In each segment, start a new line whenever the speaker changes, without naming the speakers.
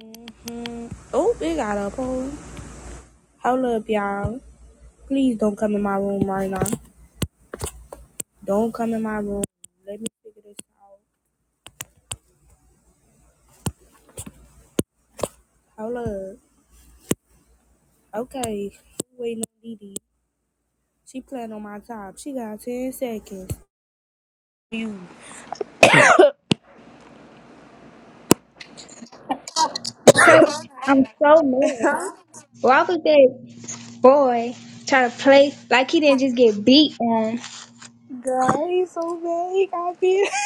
hmm Oh, it got up. Hold hold up, y'all. Please don't come in my room right now. Don't come in my room. Let me figure this out. Hold up. Okay. She Waiting on Didi. She playing on my top. She got 10 seconds. You.
Cause I'm so mad. Why was that boy trying to play like he didn't just get beat on?
Girl, he's so vague. I feel.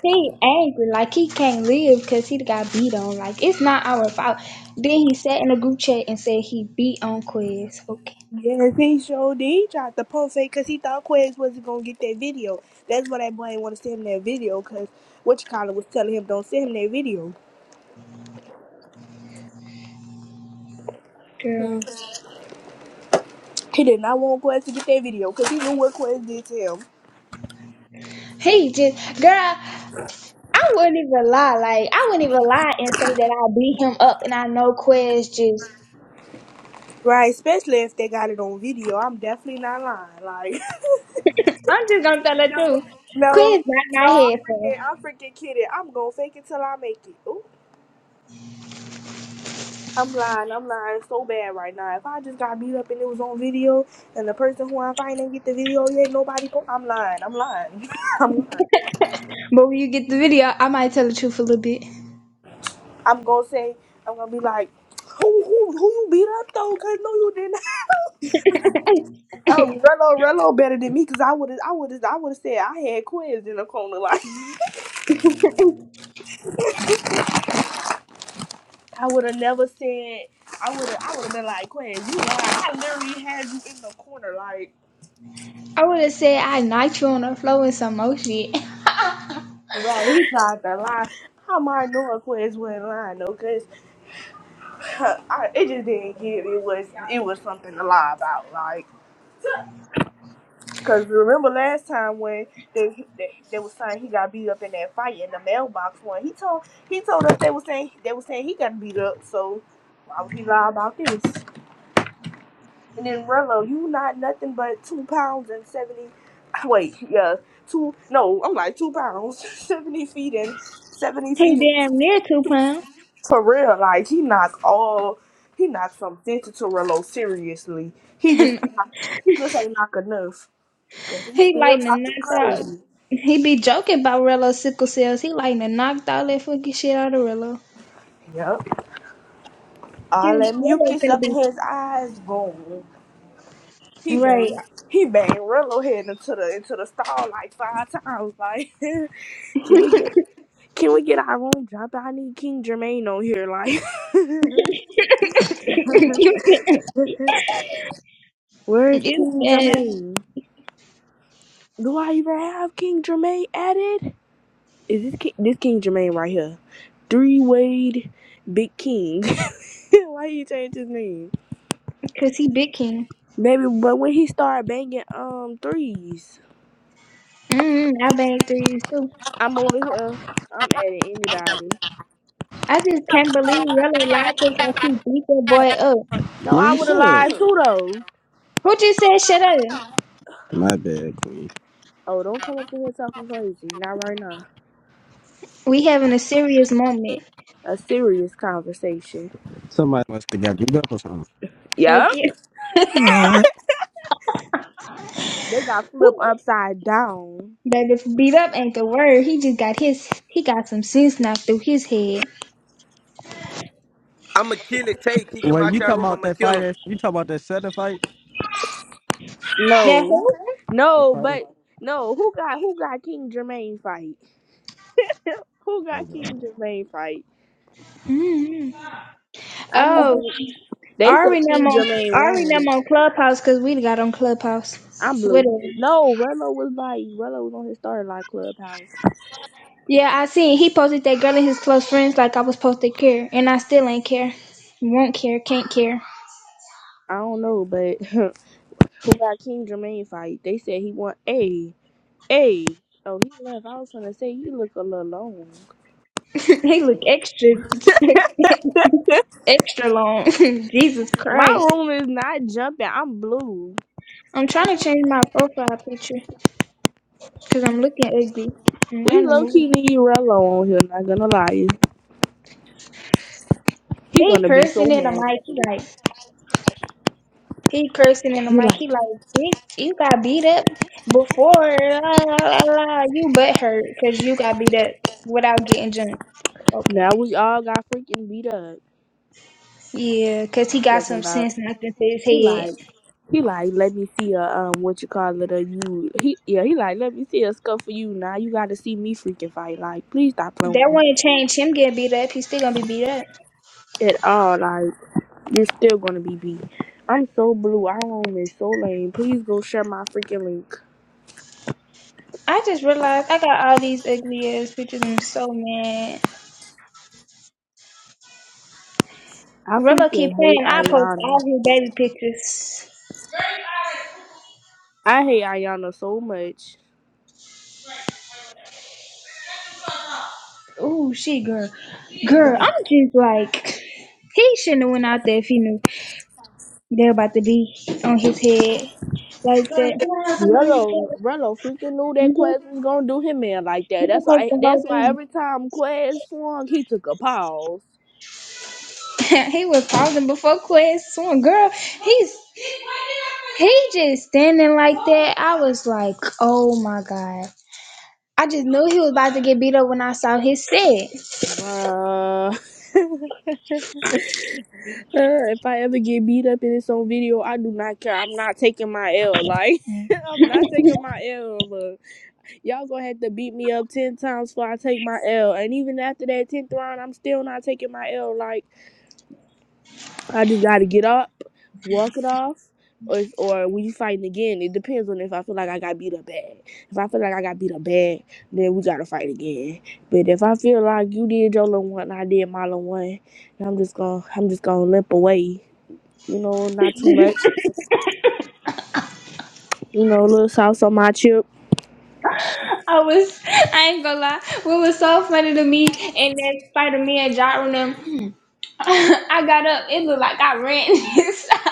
He angry like he can't live because he got beat on. Like it's not our fault. Then he sat in the group chat and said he beat on Quiz. Okay,
Yes, he showed did. He tried to post it because he thought Quez wasn't going to get that video. That's why that boy didn't want to send him that video because what you call it was telling him don't send him that video.
girl.
Hmm. He did not want Quest to get that video because he knew what Quest did to him.
He just girl. I wouldn't even lie. Like I wouldn't even lie and say that I beat him up. And I know Quiz just.
Right, especially if they got it on video. I'm definitely not lying. Like,
I'm just gonna tell the
no,
truth.
no,
Quiz
no,
not my
I'm
head for.
freaking, I'm freaking kidding. I'm gonna fake it till I make it. Ooh. I'm lying, I'm lying so bad right now. If I just got beat up and it was on video and the person who I'm fighting didn't get the video yet, nobody go, I'm lying, I'm lying. I'm lying.
But when you get the video, I might tell the truth a little bit.
I'm gonna say, I'm gonna be like, who, who, who you beat up though? Because no, you didn't. Oh, Rello, Rello better than me because I would have, I would have, I would have said I had Quez in the corner. Like I would have never said. I would have, I would have been like Quez. You know, I literally had you in the corner. Like,
I would have said I nitro on the floor and some more shit.
right? He tried to lie. How am I knowing Quez wasn't lying though? Cause I, it just didn't give. It was, it was something to lie about. Like. Cause remember last time when they, they they was saying he got beat up in that fight in the mailbox one. He told he told us they was saying they was saying he got beat up. So why would he lie about this? And then Rello, you not nothing but two pounds and seventy. Wait, yeah, two. No, I'm like two pounds, seventy feet and seventy
He
feet. And,
damn near two pounds.
for real, like he knocked all he knocked some sense into Rello seriously. He just he just ain't knock enough. Cause he
he
still
like to
talking
knock out.
crazy.
He be joking about Rello's sickle cells. He like to knocked all that fucking shit out of Rello.
Yep.
He
All
was
that
Rello
mucus
gonna
up in
be
his eyes gone. He
right.
banged he banged Rello head into the into the stall like five times. Like can we get can we get our room job? I need King Jermaine on here. Like
you
where's
bad. you
King
bad.
Jermaine? Do I even have King Jermaine added? Is this King, this King Jermaine right here? Three Wade Big King. Why he changed his name?
cause he big king.
Maybe but when he started banging um threes.
Mm, I banged threes too.
I'm over here. I'm adding anybody.
I just can't believe Rello lied to us like he beat that boy up.
No, I
Man,
would have
shut up.
lied too though.
Who just said shut up?
My bad, Queen.
Oh, don't come up in here talking crazy. Not right now.
We having a serious moment.
A serious conversation.
Somebody must have got beat up or something.
Fuck
Yep.
you.
They got flipped
Who
upside down.
But if beat up ain't the word, he just got his he got some sense knocked through his head.
I'ma kill it, Tay. Kick him
Wait,
out
you
your
talking
room.
about
I'ma
that
kill
fight?
him.
You talking about that Sutter fight?
That
No,
who?
The
no,
fighter?
but no. Who got who got King Jermaine fight? who
Oh,
got
God.
King Jermaine fight?
Mm-hmm.
I need
Oh,
to see. They
Ari
said
and them
King
on
Jermaine
Ari and
won.
them on Clubhouse because we got on Clubhouse.
I'm blue.
Whatever.
No, Rello was like Rello was on his starter like clubhouse.
Yeah, I seen he posted that girl and his close friends like I was supposed to care, and I still ain't care. Won't care, can't care.
I don't know, but who got King Jermaine fight. They said he won a a. Oh, he left. I was going to say he look a little long.
They look extra extra long. Jesus
My
Christ.
room is not jumping. I'm blue.
I'm trying to change my profile picture because I'm looking ugly. I'm
We
not in the
low key
mood.
need Rello on here. Not gonna lie, he
They
gonna be so
cursing in the
mad.
mic. like. He cursing in the
He
mic.
like
He like, bitch, you got beat up before. La, la, la, la. You butt hurt because you got beat up without getting jumped.
now
Okay.
we all got freaking beat up.
Yeah, because he
You
got
talking
some
about?
sense knocked into his
He
head.
like he like let me see a um what you call it a you he yeah he like let me see a scuff for you now you got to see me freaking fight like please stop playing
That
with me
wouldn't change him getting beat up. He's still going to be beat up.
at all Like. You're still gonna be beat. I'm so blue. Our home is so lame. Please go share my freaking link.
I just realized I got all these ugly ass pictures. I'm so mad.
I
Rello keep
freaking hate
playing. I post
Ayana.
all his baby pictures.
I hate Ayana so much.
Ooh, she girl. Girl, I'm just like, he shouldn't have went out there if he knew. They're about to be on his head like that.
Rello, Rello freaking knew that
You can
Quest was gonna do him in like that.
you
That's
can take
why.
the
That's why
whole thing.
every time Quest swung, he took a pause.
he was pausing before class, swung. Girl, he's he just standing like that. I was like, oh my god. I just knew he was about to get beat up when I saw his set.
Bruh. if I ever get beat up in this own video, I do not care. I'm not taking my L. Like I'm not taking my L. Y'all gonna have to beat me up ten times before I take my L. And even after that tenth round, I'm still not taking my L. Like I just gotta get up, walk it off, or or we fighting again. It depends on if I feel like I got beat up bad. If I feel like I got beat up bad, then we gotta fight again. But if I feel like you did your little one, and I did my little one, then I'm just gonna I'm just gonna limp away. You know, not too much. You know, a little sauce on my chip.
I was, I ain't gonna lie, what was so funny to me, and that Spider Man, Jaron, them, I got up, it looked like I ran inside.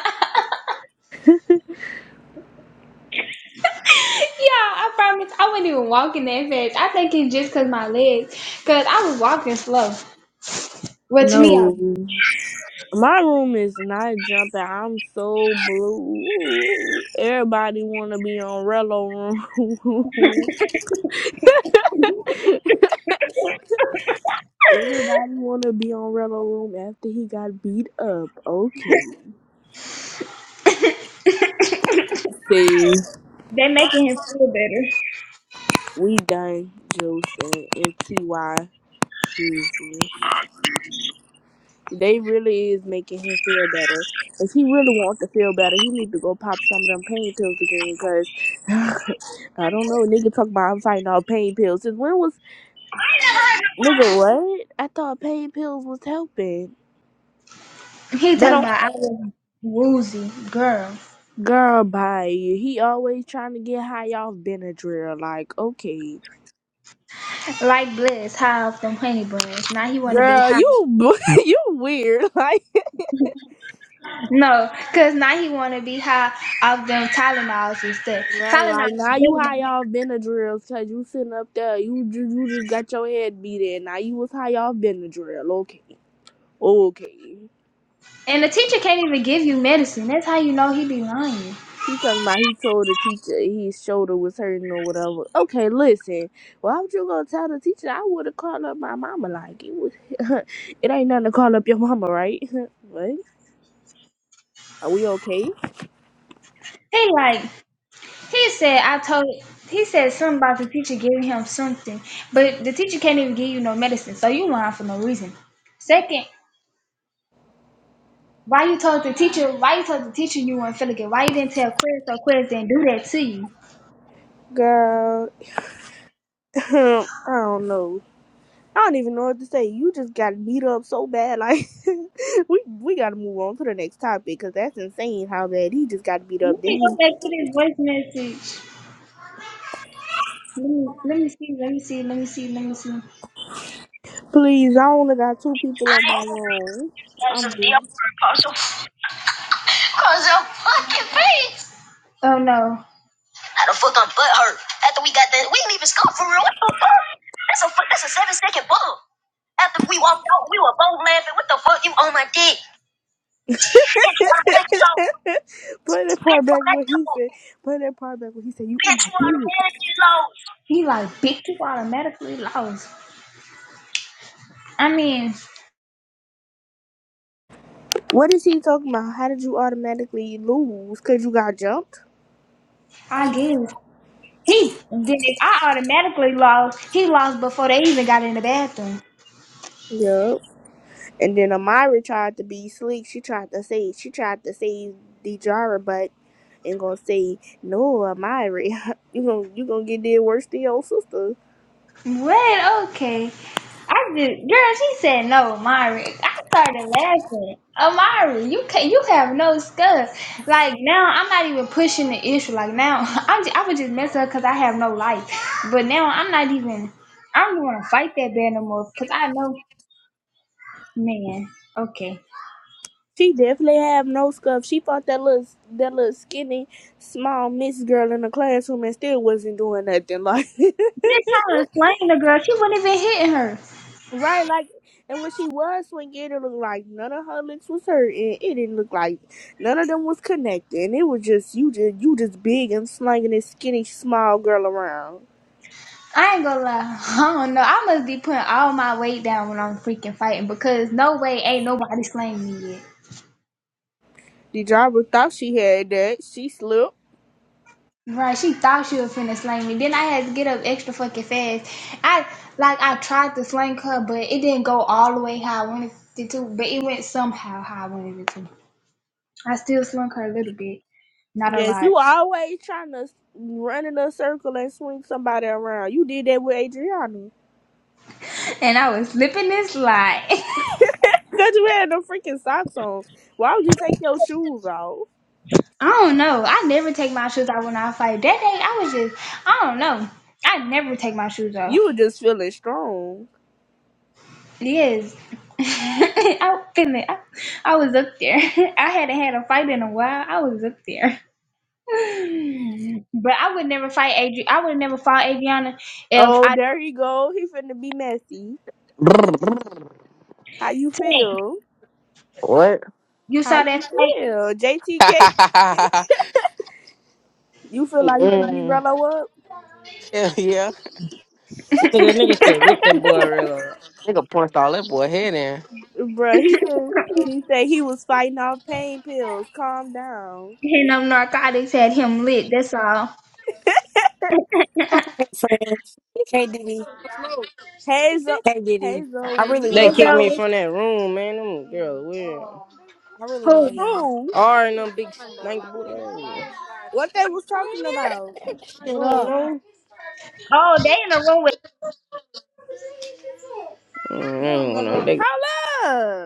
Yeah, I promise. I wasn't even walking that fast. I think it's just cause my legs, cause I was walking slow. Well, to me, I,
No. My room is not jumping. I'm so blue. Everybody wanna be on Rello room. Everybody wanna be on Rello room after he got beat up. Okay. See,
They making him feel better.
we done Joseph and Ty business. They really is making him feel better. If he really wants to feel better, he need to go pop some of them pain pills again. Cause I don't know, nigga talk about I'm fighting all pain pills. Since when was Nigga, what? I thought pain pills was helping.
he
They
talking
don't.
about I was woozy girl,
Girl, bye. He always trying to get high off Benadryl. Like, okay,
like Bliss, high off them honey buns. Now he wanna be
girl,
high.
you you weird. Like,
No, cause now he wanna be high off them Tylenols and stuff.
right?
Tylenol
Like now
and
you high
Valium.
off Benadryl because you sitting up there. You, you you just got your head beat in. Now you was high off Benadryl. Okay, okay.
And the teacher can't even give you medicine. That's how you know he be lying.
He talking about he told the teacher his shoulder was hurting or whatever. Okay, listen. Why would you gonna tell the teacher? I would have called up my mama. Like it was, it ain't nothing to call up your mama, right? what? Are we okay,
He like. He said, I told he said something about the teacher giving him something, but the teacher can't even give you no medicine, so you lying for no reason. Second, why you told the teacher why you told the teacher you weren't feeling good? Why you didn't tell quiz? so quiz didn't do that to you?
girl? I don't know. I don't even know what to say. You just got beat up so bad. Like we we gotta move on to the next topic because that's insane how bad he just got beat
Let
up.
me
Then
go back
he,
to this voice message. Let me, let me see, let me see, let me see, let me see.
please, I only got two people on my own.
That's a
I'm
deal
blue.
for Apostle. Cause your fucking face. Oh no. How the fuck I'm butt hurt after we got that? We didn't even score for real. What the fuck? That's a fuck. that's a seven second bump. After we walked out, we were both laughing. What the fuck? You on my dick? Bitch, why the heck low?
Play that
Bitch,
part back
why the heck
what he
low?
said. Play that part back what he said. You on
Bitch,
my
why the
dick.
heck you low? He like, bitch, you automatically lost. I mean,
What is he talking about? How did you automatically lose? Cause you got jumped.
I guess he then if I automatically lost, he lost before they even got in the bathroom.
Yup. And then Amira tried to be slick. She tried to say she tried to save Dejara, but and gonna say no, Amira. you gonna you gonna get there worse than your sister.
Wait, okay. I just, girl, she said no, Mari. I started laughing. Amari, you can you have no scus. Like now, I'm not even pushing the issue. Like now, I'm just, I was just messing up because I have no life. But now I'm not even. I don't even want to fight that bad no more because I know, man. Okay.
She definitely have no scuff. She fought that little that little skinny small miss girl in the classroom and still wasn't doing nothing. Like
Just trying to slang the girl. She wasn't even hitting her.
Right, like, and when she was swinging, it looked like none of her legs was hurting. It didn't look like none of them was connected. And it was just you, just you, just big and slinging this skinny small girl around.
I ain't gonna lie. I don't know. I must be putting all my weight down when I'm freaking fighting because no way ain't nobody slaying me yet.
The driver thought she had that. She slipped.
Right, she thought she was finna slang me. Then I had to get up extra fucking fast. I like I tried to slang her, but it didn't go all the way how I wanted it to. But it went somehow how I wanted it to. I still slung her a little bit, not a
Yes,
lot.
you always trying to run in a circle and swing somebody around. You did that with Adriana
And I was slipping and slide.
because you had no freaking socks on. Why would you take your shoes off?
I don't know. I never take my shoes off when I fight. That day I was just I don't know. I never take my shoes off.
You were just feeling strong.
Yes. I, finna- I I was up there. I hadn't had a fight in a while. I was up there. But I would never fight Adri. I would never fought Adriana if
Oh,
I did
there you go. He finna be messy.
What?
How you
tank.
feel?
You
How
saw that
you
fight?
feel, JTK? You feel like you could be
Mm.
Rello up,
Hell yeah.
Nigga, nigga straight whooped that boy real up.
Nigga punched all that boy head in.
Bruh, He said he said he was fighting off pain pills. Calm down.
and them narcotics had him lit. That's all.
Real quick, friends. Hey, Diddy. Smoke.
Hey, Hazel,
Hey,
hey
Diddy. I
Zoe.
really
They
It's
love
kicked me
y'all.
over.
from that room, man. Them girls weird.
I really
Cool.
love y'all.
who?
All right, them big stank booty. I
What they was talking about?
Shut
don't
up.
know.
Oh, they in the room with.
Mm, I don't know.
Hold up.